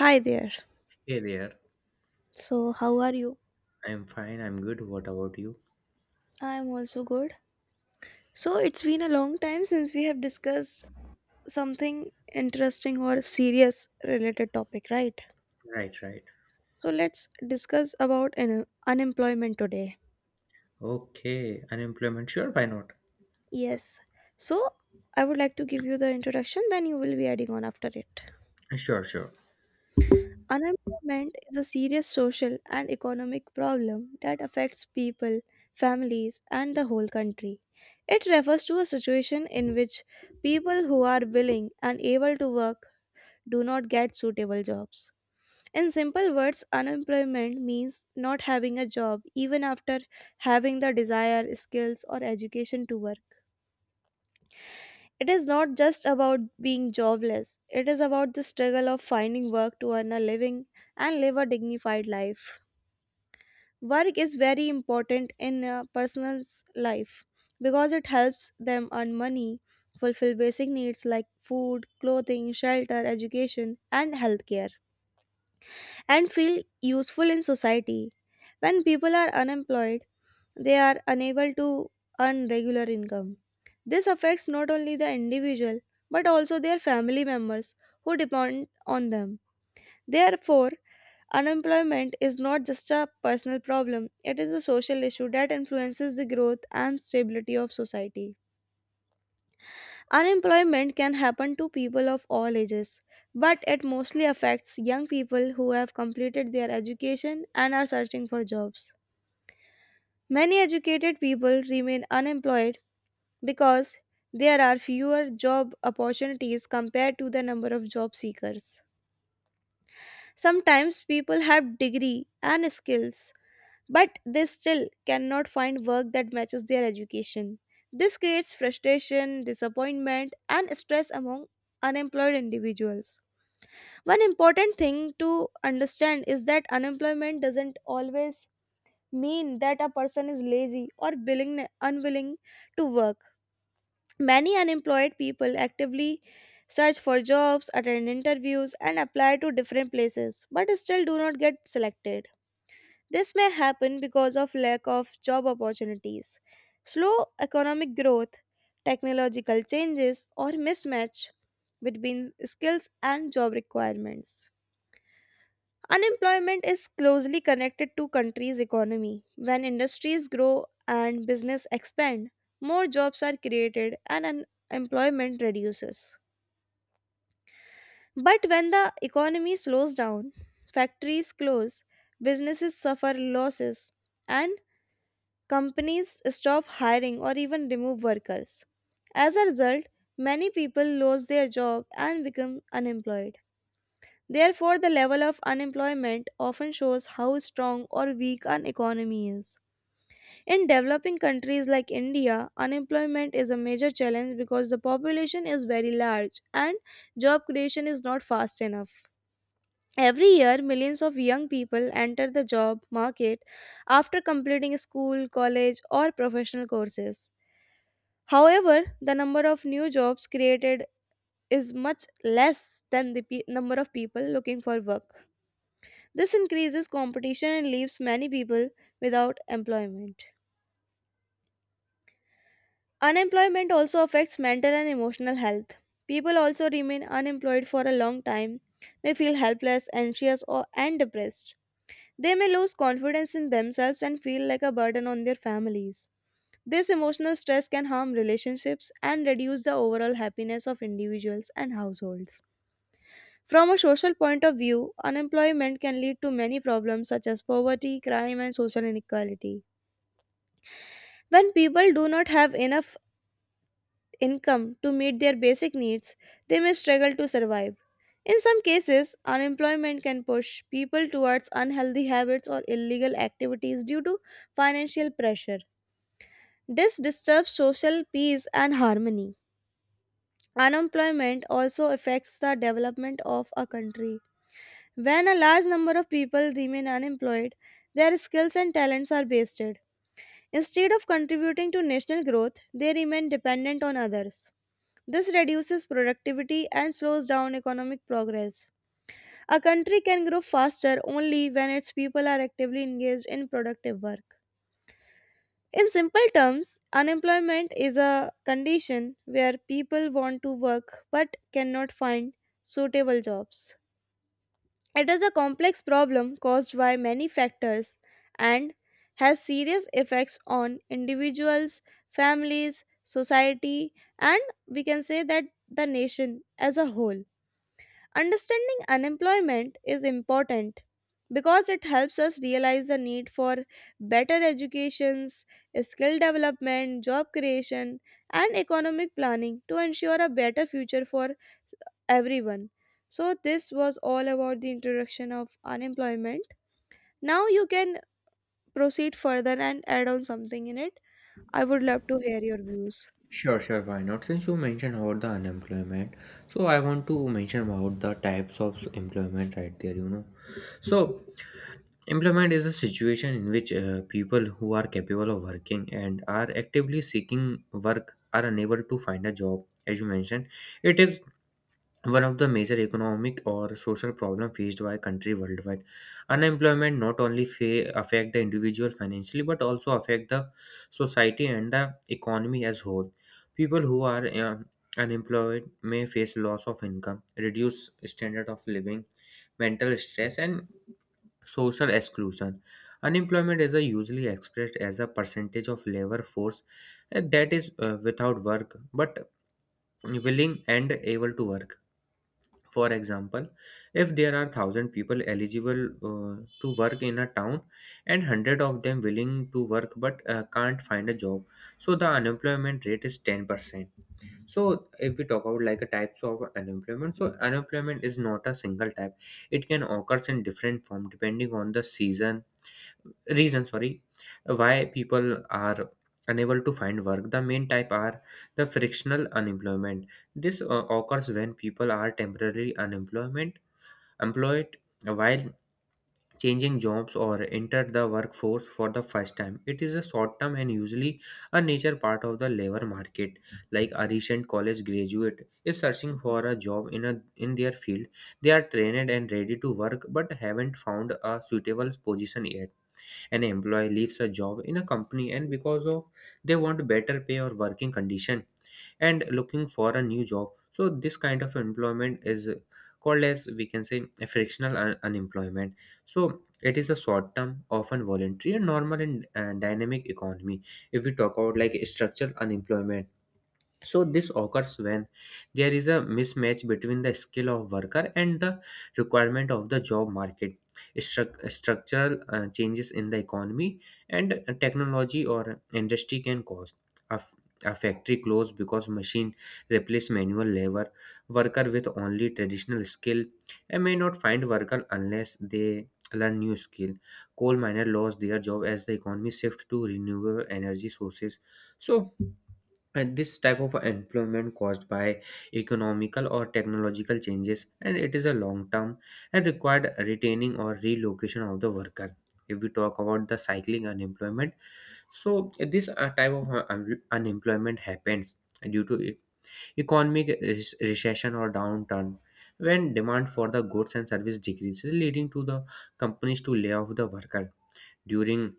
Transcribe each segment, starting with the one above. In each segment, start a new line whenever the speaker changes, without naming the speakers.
Hi there.
Hey there.
So, how are you?
I'm fine. I'm good. What about you?
I'm also good. So, it's been a long time since we have discussed something interesting or serious related topic, right?
Right, right.
So, let's discuss about unemployment today.
Okay. Unemployment. Sure, why not?
Yes. So, I would like to give you the introduction, then you will be adding on after it.
Sure, sure.
Unemployment is a serious social and economic problem that affects people, families, and the whole country. It refers to a situation in which people who are willing and able to work do not get suitable jobs. In simple words, unemployment means not having a job even after having the desired skills or education to work. It is not just about being jobless, it is about the struggle of finding work to earn a living and live a dignified life. Work is very important in a person's life because it helps them earn money, fulfill basic needs like food, clothing, shelter, education, and healthcare, and feel useful in society. When people are unemployed, they are unable to earn regular income. This affects not only the individual but also their family members who depend on them. Therefore, unemployment is not just a personal problem, it is a social issue that influences the growth and stability of society. Unemployment can happen to people of all ages, but it mostly affects young people who have completed their education and are searching for jobs. Many educated people remain unemployed because there are fewer job opportunities compared to the number of job seekers. Sometimes people have degree and skills but they still cannot find work that matches their education. This creates frustration, disappointment, and stress among unemployed individuals. One important thing to understand is that unemployment doesn't always mean that a person is lazy or willing, unwilling to work. Many unemployed people actively search for jobs, attend interviews, and apply to different places, but still do not get selected. This may happen because of lack of job opportunities, slow economic growth, technological changes, or mismatch between skills and job requirements. Unemployment is closely connected to country's economy. When industries grow and business expand, more jobs are created and unemployment reduces. But when the economy slows down, factories close, businesses suffer losses, and companies stop hiring or even remove workers. As a result, many people lose their job and become unemployed. Therefore, the level of unemployment often shows how strong or weak an economy is. In developing countries like India, unemployment is a major challenge because the population is very large and job creation is not fast enough. Every year, millions of young people enter the job market after completing school, college, or professional courses. However, the number of new jobs created is much less than the number of people looking for work. This increases competition and leaves many people without employment. Unemployment also affects mental and emotional health. People also remain unemployed for a long time, may feel helpless, anxious, or and depressed. They may lose confidence in themselves and feel like a burden on their families. This emotional stress can harm relationships and reduce the overall happiness of individuals and households. From a social point of view, unemployment can lead to many problems such as poverty, crime, and social inequality. When people do not have enough income to meet their basic needs, they may struggle to survive. In some cases, unemployment can push people towards unhealthy habits or illegal activities due to financial pressure. This disturbs social peace and harmony. Unemployment also affects the development of a country. When a large number of people remain unemployed, their skills and talents are wasted. Instead of contributing to national growth, they remain dependent on others. This reduces productivity and slows down economic progress. A country can grow faster only when its people are actively engaged in productive work. In simple terms, unemployment is a condition where people want to work but cannot find suitable jobs. It is a complex problem caused by many factors and has serious effects on individuals, families, society, and we can say that the nation as a whole. Understanding unemployment is important because it helps us realize the need for better educations, skill development, job creation, and economic planning to ensure a better future for everyone. So this was all about the introduction of unemployment. Now you can proceed further and add on something in it. I would love to hear your views.
Sure, sure, why not? Since you mentioned about the unemployment, so I want to mention about the types of employment right there, So, employment is a situation in which people who are capable of working and are actively seeking work are unable to find a job. As you mentioned, it is one of the major economic or social problem faced by country worldwide. Unemployment not only affect the individual financially but also affect the society and the economy as whole. People who are unemployed may face loss of income, reduced standard of living, mental stress, and social exclusion. Unemployment is a usually expressed as a percentage of labor force, that is without work but willing and able to work. For example, if there are 1000 people eligible to work in a town and 100 of them willing to work but can't find a job, so the unemployment rate is 10%. So if we talk about like a types of unemployment, so unemployment is not a single type. It can occurs in different form depending on the season, reason, sorry, why people are unable to find work. The main type are the frictional unemployment. This occurs when people are temporarily unemployment, employed, while changing jobs or enter the workforce for the first time. It is a short term and usually a nature part of the labor market, like a recent college graduate is searching for a job in a in their field. They are trained and ready to work but haven't found a suitable position yet. An employee leaves a job in a company and because of they want better pay or working condition and looking for a new job. So this kind of employment is called, as we can say, a frictional unemployment. So it is a short term, often voluntary and normal and dynamic economy. If we talk about like structural unemployment, so this occurs when there is a mismatch between the skill of worker and the requirement of the job market. Structural changes in the economy and technology or industry can cause a, a factory close because machine replace manual labor. Worker with only traditional skill and may not find worker unless they learn new skill. Coal miner lost their job as the economy shift to renewable energy sources. So, and this type of employment caused by economical or technological changes, and it is a long term and required retaining or relocation of the worker. If we talk about the cycling unemployment, so this type of unemployment happens due to economic recession or downturn, when demand for the goods and service decreases leading to the companies to lay off the worker. During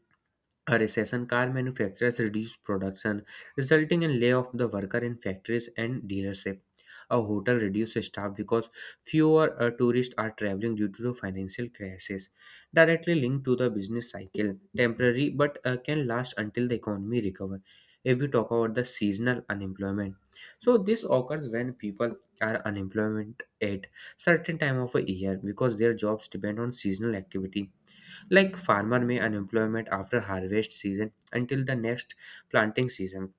a recession, car manufacturers reduced production, resulting in layoff of the worker in factories and dealership. A hotel reduced staff because fewer tourists are traveling due to the financial crisis, directly linked to the business cycle. Temporary, but can last until the economy recover. If we talk about the seasonal unemployment, so this occurs when people are unemployment at certain time of a year because their jobs depend on seasonal activity, like farmer may unemployment after harvest season until the next planting season.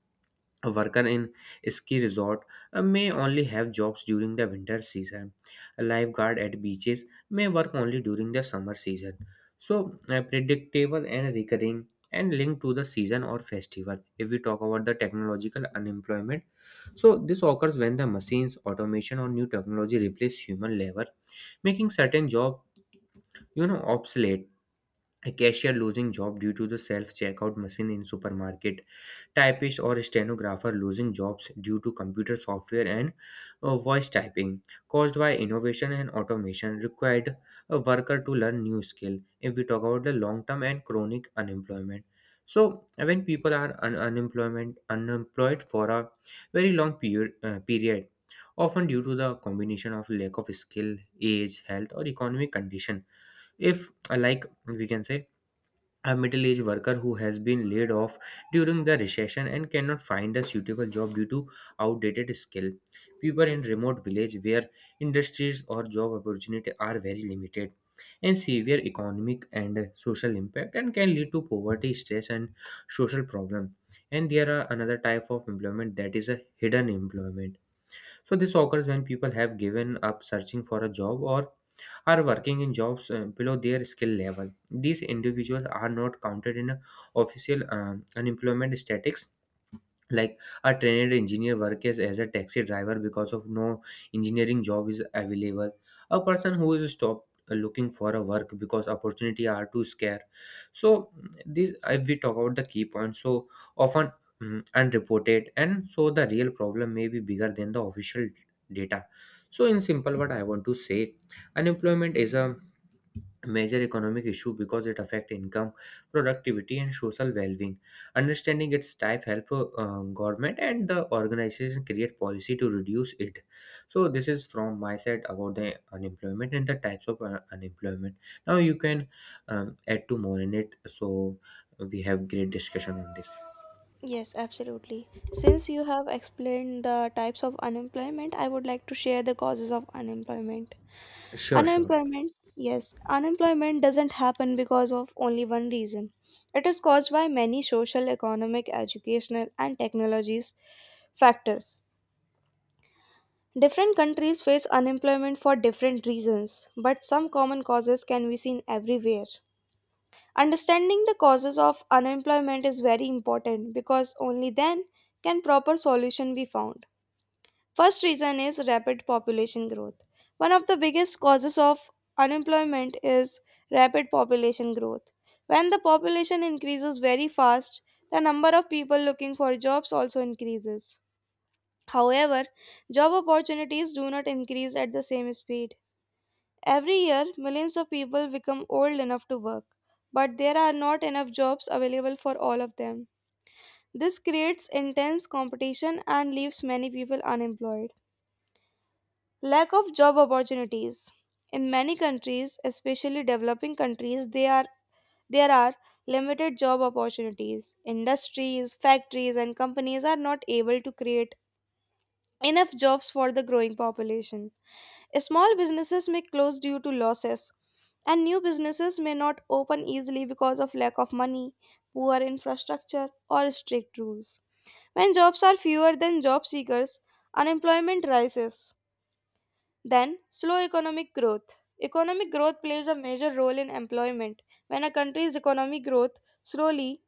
A worker in ski resort may only have jobs during the winter season. A lifeguard at beaches may work only during the summer season. So predictable and recurring and linked to the season or festival. If we talk about the technological unemployment, so this occurs when the machines, automation, or new technology replace human labor, making certain job, obsolete. A cashier losing job due to the self-checkout machine in supermarket. Typist or stenographer losing jobs due to computer software and voice typing, caused by innovation and automation, required a worker to learn new skill. If we talk about the long term and chronic unemployment, so when people are un- unemployment unemployed for a very long period, often due to the combination of lack of skill, age, health, or economic condition. If like we can say, a middle aged worker who has been laid off during the recession and cannot find a suitable job due to outdated skill. People in remote village where industries or job opportunity are very limited, and severe economic and social impact and can lead to poverty, stress, and social problem. And there are another type of employment that is a hidden employment. So this occurs when people have given up searching for a job or are working in jobs below their skill level. These individuals are not counted in a official unemployment statistics, like a trained engineer works as a taxi driver because of no engineering job is available. A person who is stopped looking for a work because opportunity are too scarce. So this, if we talk about the key points, so often unreported, and so the real problem may be bigger than the official data. So in simple what I want to say, unemployment is a major economic issue because it affects income, productivity, and social well-being. Understanding its type help government and the organization create policy to reduce it. So this is from my side about the unemployment and the types of unemployment. Now you can add to more in it, so we have great discussion on this.
Yes, absolutely. Since you have explained the types of unemployment, I would like to share the causes of unemployment.
Sure, sure.
Unemployment, yes, unemployment doesn't happen because of only one reason. It is caused by many social, economic, educational, and technologies factors. Different countries face unemployment for different reasons, but some common causes can be seen everywhere. Understanding the causes of unemployment is very important because only then can proper solution be found. First reason is rapid population growth. One of the biggest causes of unemployment is rapid population growth. When the population increases very fast, the number of people looking for jobs also increases. However, job opportunities do not increase at the same speed. Every year, millions of people become old enough to work, but there are not enough jobs available for all of them. This creates intense competition and leaves many people unemployed. Lack of job opportunities. In many countries, especially developing countries, there are limited job opportunities. Industries, factories, and companies are not able to create enough jobs for the growing population. Small businesses may close due to losses, and new businesses may not open easily because of lack of money, poor infrastructure, or strict rules. When jobs are fewer than job seekers, unemployment rises. Then, slow economic growth. Economic growth plays a major role in employment. When a country's economic growth slowly,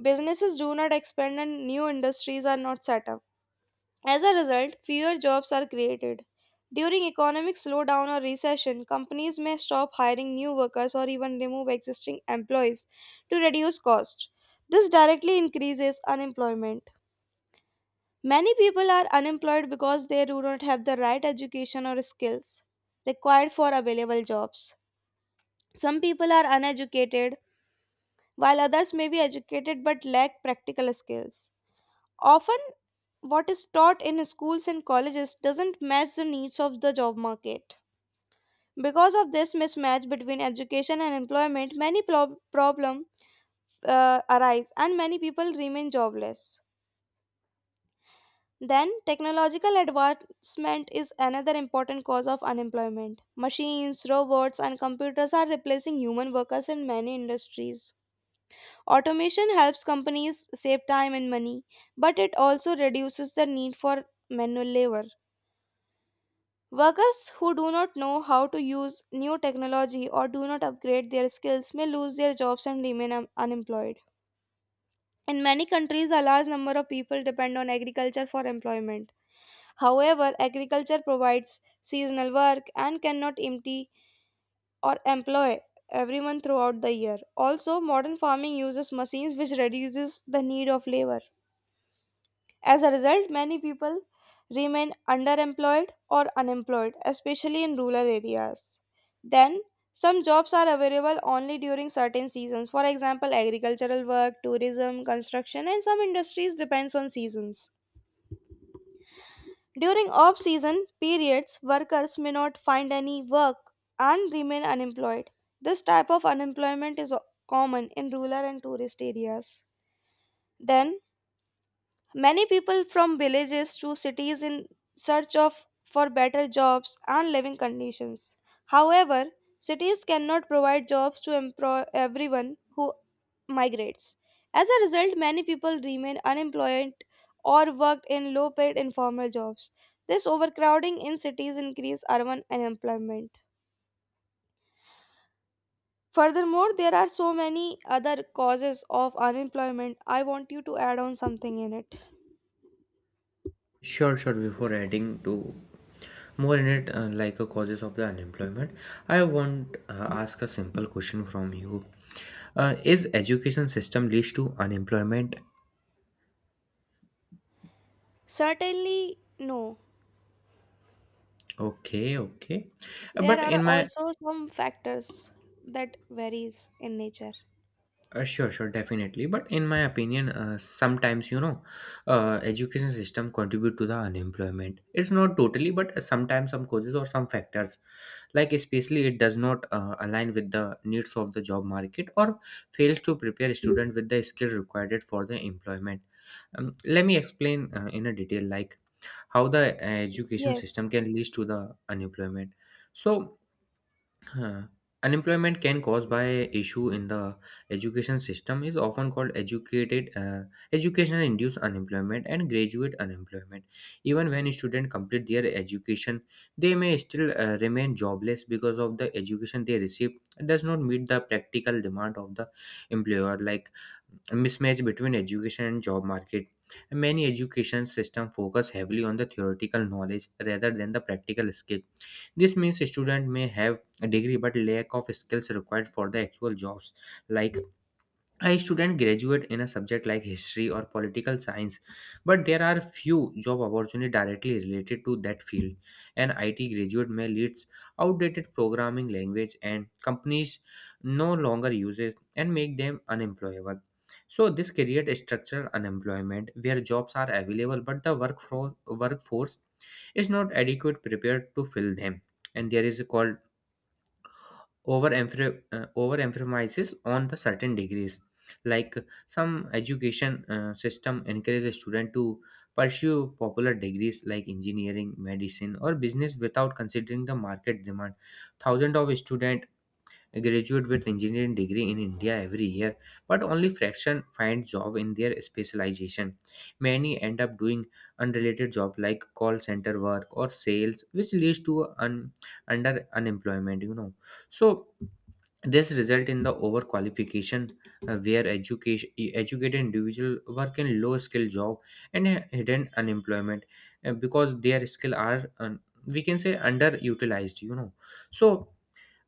businesses do not expand and new industries are not set up. As a result, fewer jobs are created. During economic slowdown or recession, companies may stop hiring new workers or even remove existing employees to reduce costs. This directly increases unemployment. Many people are unemployed because they do not have the right education or skills required for available jobs. Some people are uneducated, while others may be educated but lack practical skills. Often, what is taught in schools and colleges doesn't match the needs of the job market. Because of this mismatch between education and employment, many problems arise and many people remain jobless. Then, technological advancement is another important cause of unemployment. Machines, robots, and computers are replacing human workers in many industries. Automation helps companies save time and money, but it also reduces the need for manual labor. Workers who do not know how to use new technology or do not upgrade their skills may lose their jobs and remain unemployed. In many countries, a large number of people depend on agriculture for employment. However, agriculture provides seasonal work and cannot empty or employ everyone throughout the year. Also, modern farming uses machines which reduces the need of labor. As a result, many people remain underemployed or unemployed, especially in rural areas. Then, some jobs are available only during certain seasons. For example, agricultural work, tourism, construction, and some industries depends on seasons. During off season periods, workers may not find any work and remain unemployed. This type of unemployment is common in rural and tourist areas. Then, many people from villages to cities in search of for better jobs and living conditions. However, cities cannot provide jobs to employ everyone who migrates. As a result, many people remain unemployed or work in low paid informal jobs. This overcrowding in cities increases urban unemployment. Furthermore, there are so many other causes of unemployment. I want you to add on something in it.
Sure, sure, before adding to more in it, causes of the unemployment, I want ask a simple question from you. Is education system leads to unemployment?
Certainly, no.
Okay, okay.
There
But in
are
my.
also some factors that varies in nature.
Sure, sure, definitely. But in my opinion, sometimes, education system contribute to the unemployment. It's not totally, but sometimes some causes or some factors, like especially it does not align with the needs of the job market or fails to prepare student with the skill required for the employment. Let me explain in a detail, like how the education
Yes,
system can lead to the unemployment. So. Huh. Unemployment can cause by issue in the education system is often called educated educational induced unemployment and graduate unemployment. Even when students complete their education, they may still remain jobless because of the education they receive does not meet the practical demand of the employer, like a mismatch between education and job market. Many education system focus heavily on the theoretical knowledge rather than the practical skill. This means a student may have a degree but lack of skills required for the actual jobs, like a student graduate in a subject like history or political science, but there are few job opportunities directly related to that field. An IT graduate may leads outdated programming language and companies no longer use it and make them unemployable. So this creates structural unemployment where jobs are available but the workforce is not adequate prepared to fill them. And there is a called over emphasizes on the certain degrees, like some education system encourages a student to pursue popular degrees like engineering, medicine, or business without considering the market demand. Thousands of students graduate with engineering degree in India every year, but only fraction find job in their specialization. Many end up doing unrelated job like call center work or sales, which leads to under unemployment. You know, so this result in the overqualification, where education educated individual work in low skill job and hidden unemployment, because their skill are we can say underutilized, so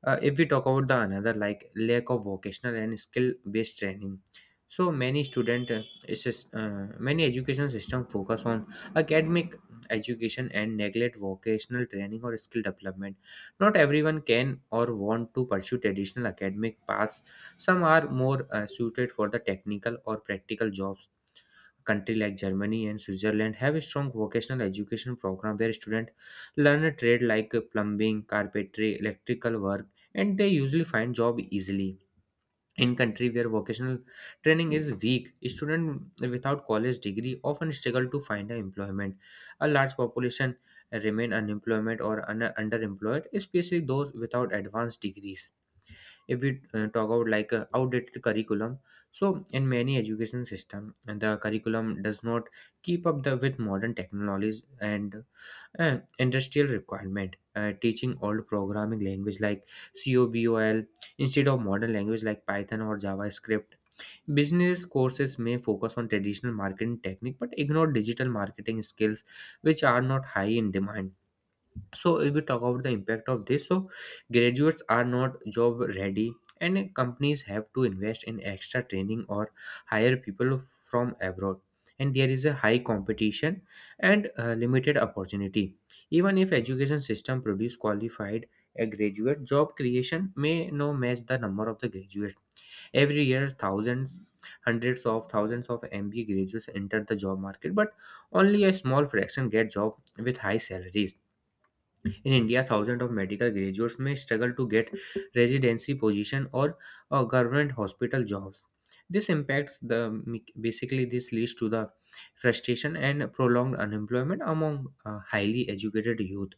if we talk about the another like lack of vocational and skill based training, so many student it's just, many education system focus on academic education and neglect vocational training or skill development. Not everyone can or want to pursue traditional academic paths. Some are more suited for the technical or practical jobs. Country like Germany and Switzerland have a strong vocational education program where students learn a trade like plumbing, carpentry, electrical work, and they usually find job easily. In country where vocational training is weak, students without college degree often struggle to find a employment. A large population remain unemployment or underemployed, especially those without advanced degrees. If we talk about like outdated curriculum, so in many education system, and the curriculum does not keep up the with modern technologies and industrial requirement, teaching old programming language like cobol instead of modern language like python or javascript. Business courses may focus on traditional marketing technique but ignore digital marketing skills, which are not high in demand. So if we talk about the impact of this, so graduates are not job ready, and companies have to invest in extra training or hire people from abroad. And there is a high competition and limited opportunity. Even if education system produce qualified a graduate, job creation may no match the number of the graduate. Every year thousands, hundreds of thousands of mba graduates enter the job market, but only a small fraction get job with high salaries. In India, thousands of medical graduates may struggle to get residency position or government hospital jobs. This impacts the basically this leads to the frustration and prolonged unemployment among highly educated youth.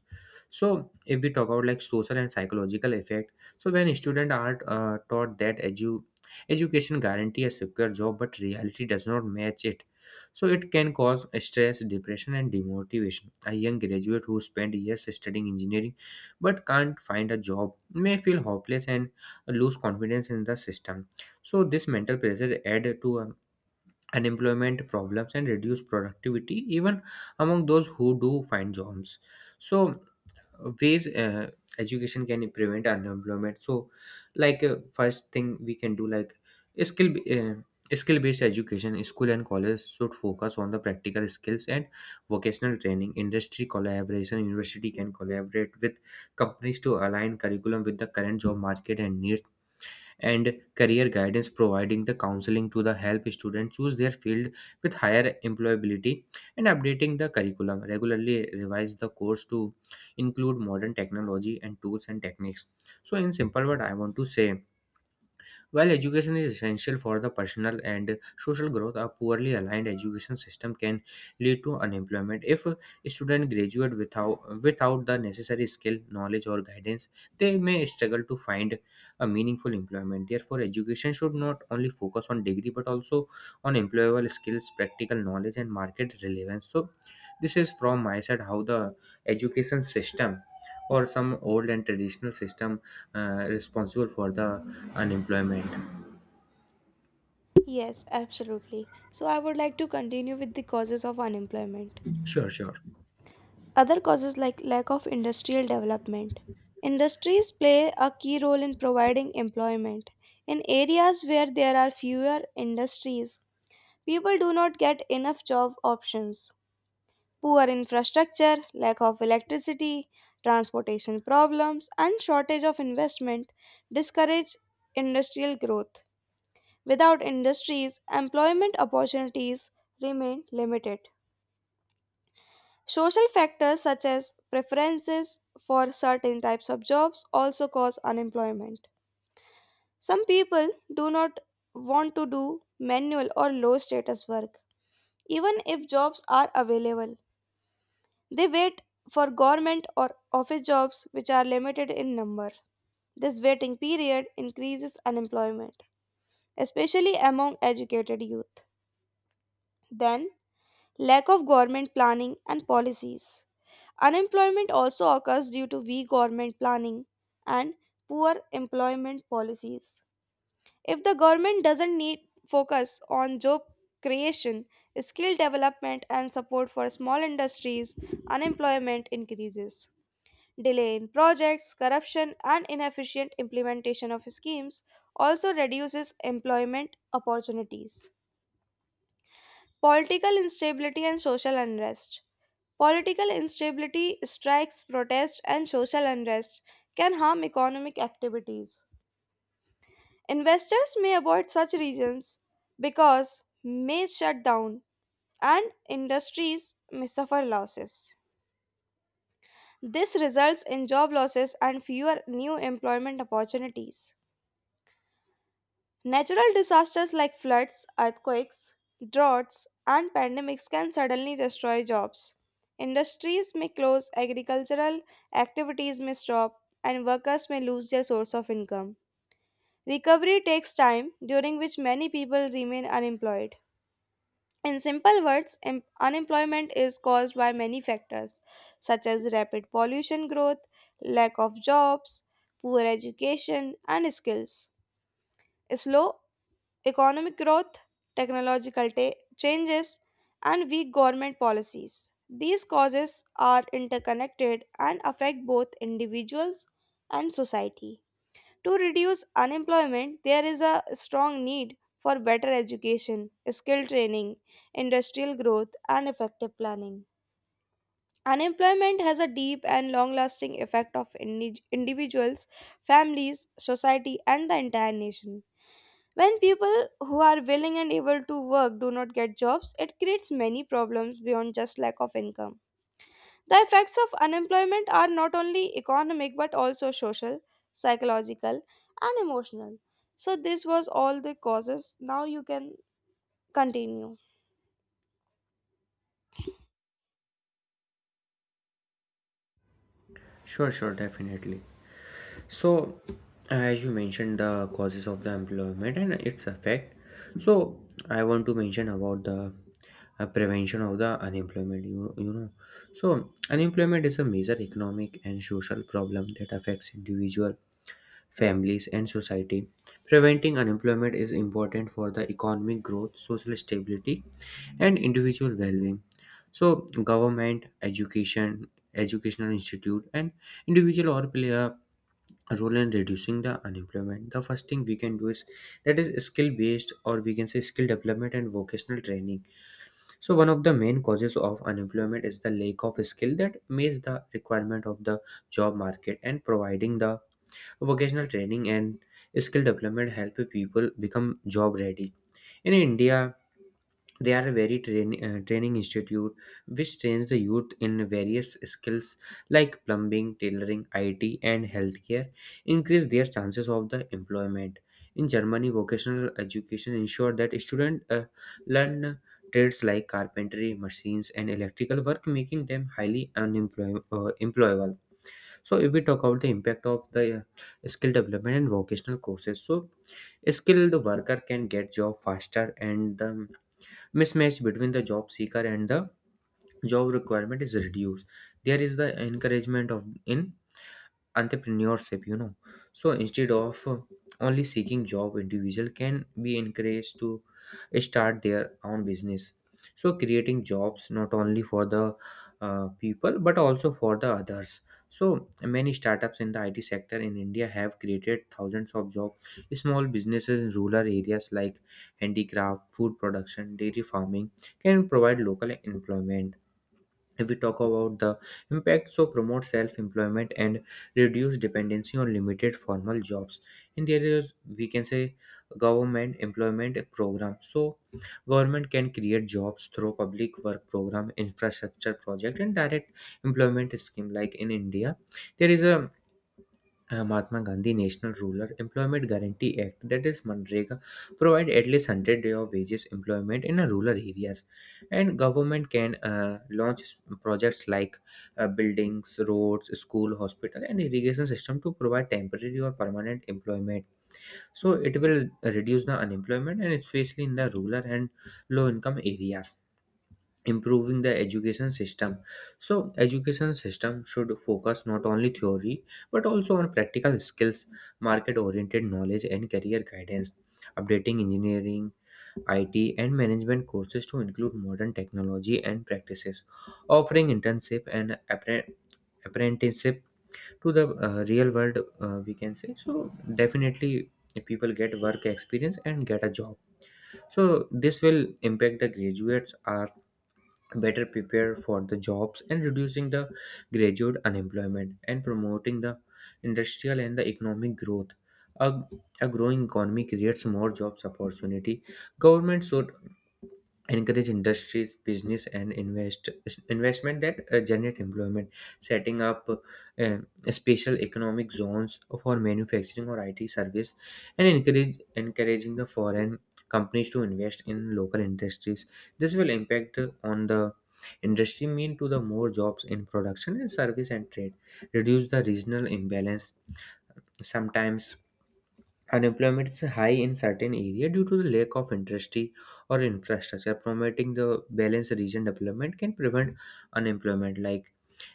So if we talk about like social and psychological effect, so when students are taught that education guarantee a secure job but reality does not match it, so it can cause stress, depression, and demotivation. A young graduate who spent years studying engineering but can't find a job may feel hopeless and lose confidence in the system. So this mental pressure add to unemployment problems and reduce productivity even among those who do find jobs. So ways education can prevent unemployment. So like first thing we can do like skill uh, skill based education, school and college should focus on the practical skills and vocational training. Industry collaboration, university can collaborate with companies to align curriculum with the current job market and needs. And career guidance, providing the counseling to the help students choose their field with higher employability. And updating the curriculum, regularly revise the course to include modern technology and tools and techniques. So in simple word, I want to say while education is essential for the personal and social growth, a poorly aligned education system can lead to unemployment. If a student graduate without the necessary skill, knowledge, or guidance, they may struggle to find a meaningful employment. Therefore, education should not only focus on degree but also on employable skills, practical knowledge, and market relevance. So, this is from my side how the education system or some old and traditional system responsible for the unemployment.
yes, absolutely. So I would like to continue with the causes of unemployment.
sure sure
Other causes like lack of industrial development. Industries play a key role in providing employment. In areas where there are fewer industries, people do not get enough job options. Poor infrastructure, lack of electricity, transportation problems, and shortage of investment discourage industrial growth. Without industries, employment opportunities remain limited. Social factors such as preferences for certain types of jobs also cause unemployment. Some people do not want to do manual or low status work, even if jobs are available. They wait for government or office jobs which are limited in number. This waiting period increases unemployment, especially among educated youth. Then, lack of government planning and policies. Unemployment also occurs due to weak government planning and poor employment policies. If the government doesn't need focus on job creation, skill development and support for small industries, unemployment increases. Delay in projects, corruption, and inefficient implementation of schemes also reduces employment opportunities. Political instability and social unrest. Political instability, strikes, protests, and social unrest can harm economic activities. Investors may avoid such regions because may shut down and industries may suffer losses. This results in job losses and fewer new employment opportunities. Natural disasters like floods, earthquakes, droughts, and pandemics can suddenly destroy jobs. Industries may close, agricultural activities may stop, and workers may lose their source of income. Recovery takes time, during which many people remain unemployed. In simple words, unemployment is caused by many factors, such as rapid pollution growth, lack of jobs, poor education, and skills. Slow economic growth, technological changes, and weak government policies. These causes are interconnected and affect both individuals and society. To reduce unemployment, there is a strong need for better education, skill training, industrial growth, and effective planning. Unemployment has a deep and long lasting effect on individuals, families, society, and the entire nation. When people who are willing and able to work do not get jobs, it creates many problems beyond just lack of income. The effects of unemployment are not only economic but also social, psychological, and emotional. So, this was all the causes. Now you can continue.
sure sure Definitely. So as you mentioned the causes of the employment and its effect, so I want to mention about the prevention of the unemployment, you know. So unemployment is a major economic and social problem that affects individual, families, and society. Preventing unemployment is important for the economic growth, social stability, and individual well-being. So government, educational institute, and individual all play a role in reducing the unemployment. The first thing we can do is that is skill based, or we can say skill development and vocational training. So one of the main causes of unemployment is the lack of skill that meets the requirement of the job market, and providing the vocational training and skill development help people become job ready. In india, they are a very training institute which trains the youth in various skills like plumbing, tailoring, IT, and healthcare, increase their chances of the employment. In Germany, vocational education ensure that students learn trades like carpentry, machines, and electrical work, making them highly employable. So, if we talk about the impact of the skill development and vocational courses, so a skilled worker can get job faster, and the mismatch between the job seeker and the job requirement is reduced. There is the encouragement of in entrepreneurship, you know. So instead of only seeking job, individual can be encouraged to start their own business, so creating jobs not only for the people but also for the others. So many startups in the IT sector in India have created thousands of jobs. Small businesses in rural areas like handicraft, food production, dairy farming can provide local employment. If we talk about the impact, so promote self-employment and reduce dependency on limited formal jobs in the areas, we can say government employment program. So government can create jobs through public work program, infrastructure project, and direct employment scheme. Like in india, there is a Mahatma Gandhi National Rural Employment Guarantee Act, that is MNREGA, provide at least 100 day of wages employment in rural areas. And government can launch projects like buildings, roads, school, hospital, and irrigation system to provide temporary or permanent employment. So it will reduce the unemployment, and especially in the rural and low income areas. Improving the education system, so education system should focus not only theory but also on practical skills, market oriented knowledge, and career guidance. Updating engineering, it, and management courses to include modern technology and practices. Offering internship and apprenticeship to the real world, we can say. So definitely people get work experience and get a job. So this will impact the graduates are better prepare for the jobs, and reducing the graduate unemployment and promoting the industrial and the economic growth. a, a growing economy creates more jobs opportunity. Government should encourage industries, business, and investment that generate employment. Setting up special economic zones for manufacturing or IT service, and encourage encouraging the foreign companies to invest in local industries. This will impact on the industry, mean to the more jobs in production and service and trade. Reduce the regional imbalance. Sometimes unemployment is high in certain area due to the lack of industry or infrastructure. Promoting the balanced region development can prevent unemployment, like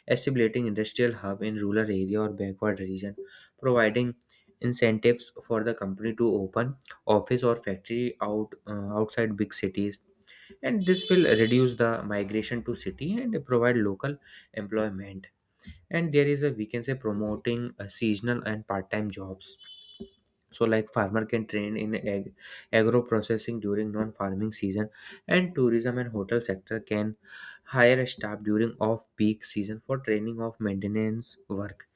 establishing industrial hub in rural area or backward region, providing incentives for the company to open office or factory outside big cities, and this will reduce the migration to city and provide local employment. And there is a, we can say, promoting seasonal and part-time jobs. So like farmer can train in agro processing during non farming season, and tourism and hotel sector can hire a staff during off peak season for training of maintenance work.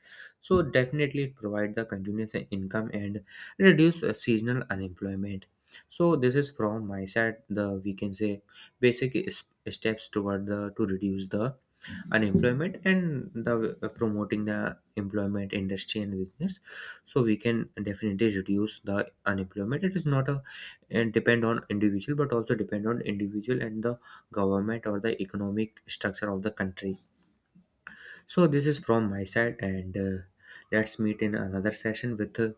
So definitely it provide the continuous income and reduce seasonal unemployment. So this is from my side the, we can say, basic is- steps toward the to reduce the unemployment and the promoting the employment industry and business. So we can definitely reduce the unemployment. It is not a and depend on individual, but also depend on individual and the government or the economic structure of the country. So this is from my side. And let's meet in another session with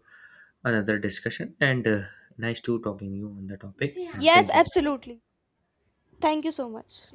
another discussion. And nice to talking you on the topic, and
Yes,
thank you.
absolutely. Thank you so much.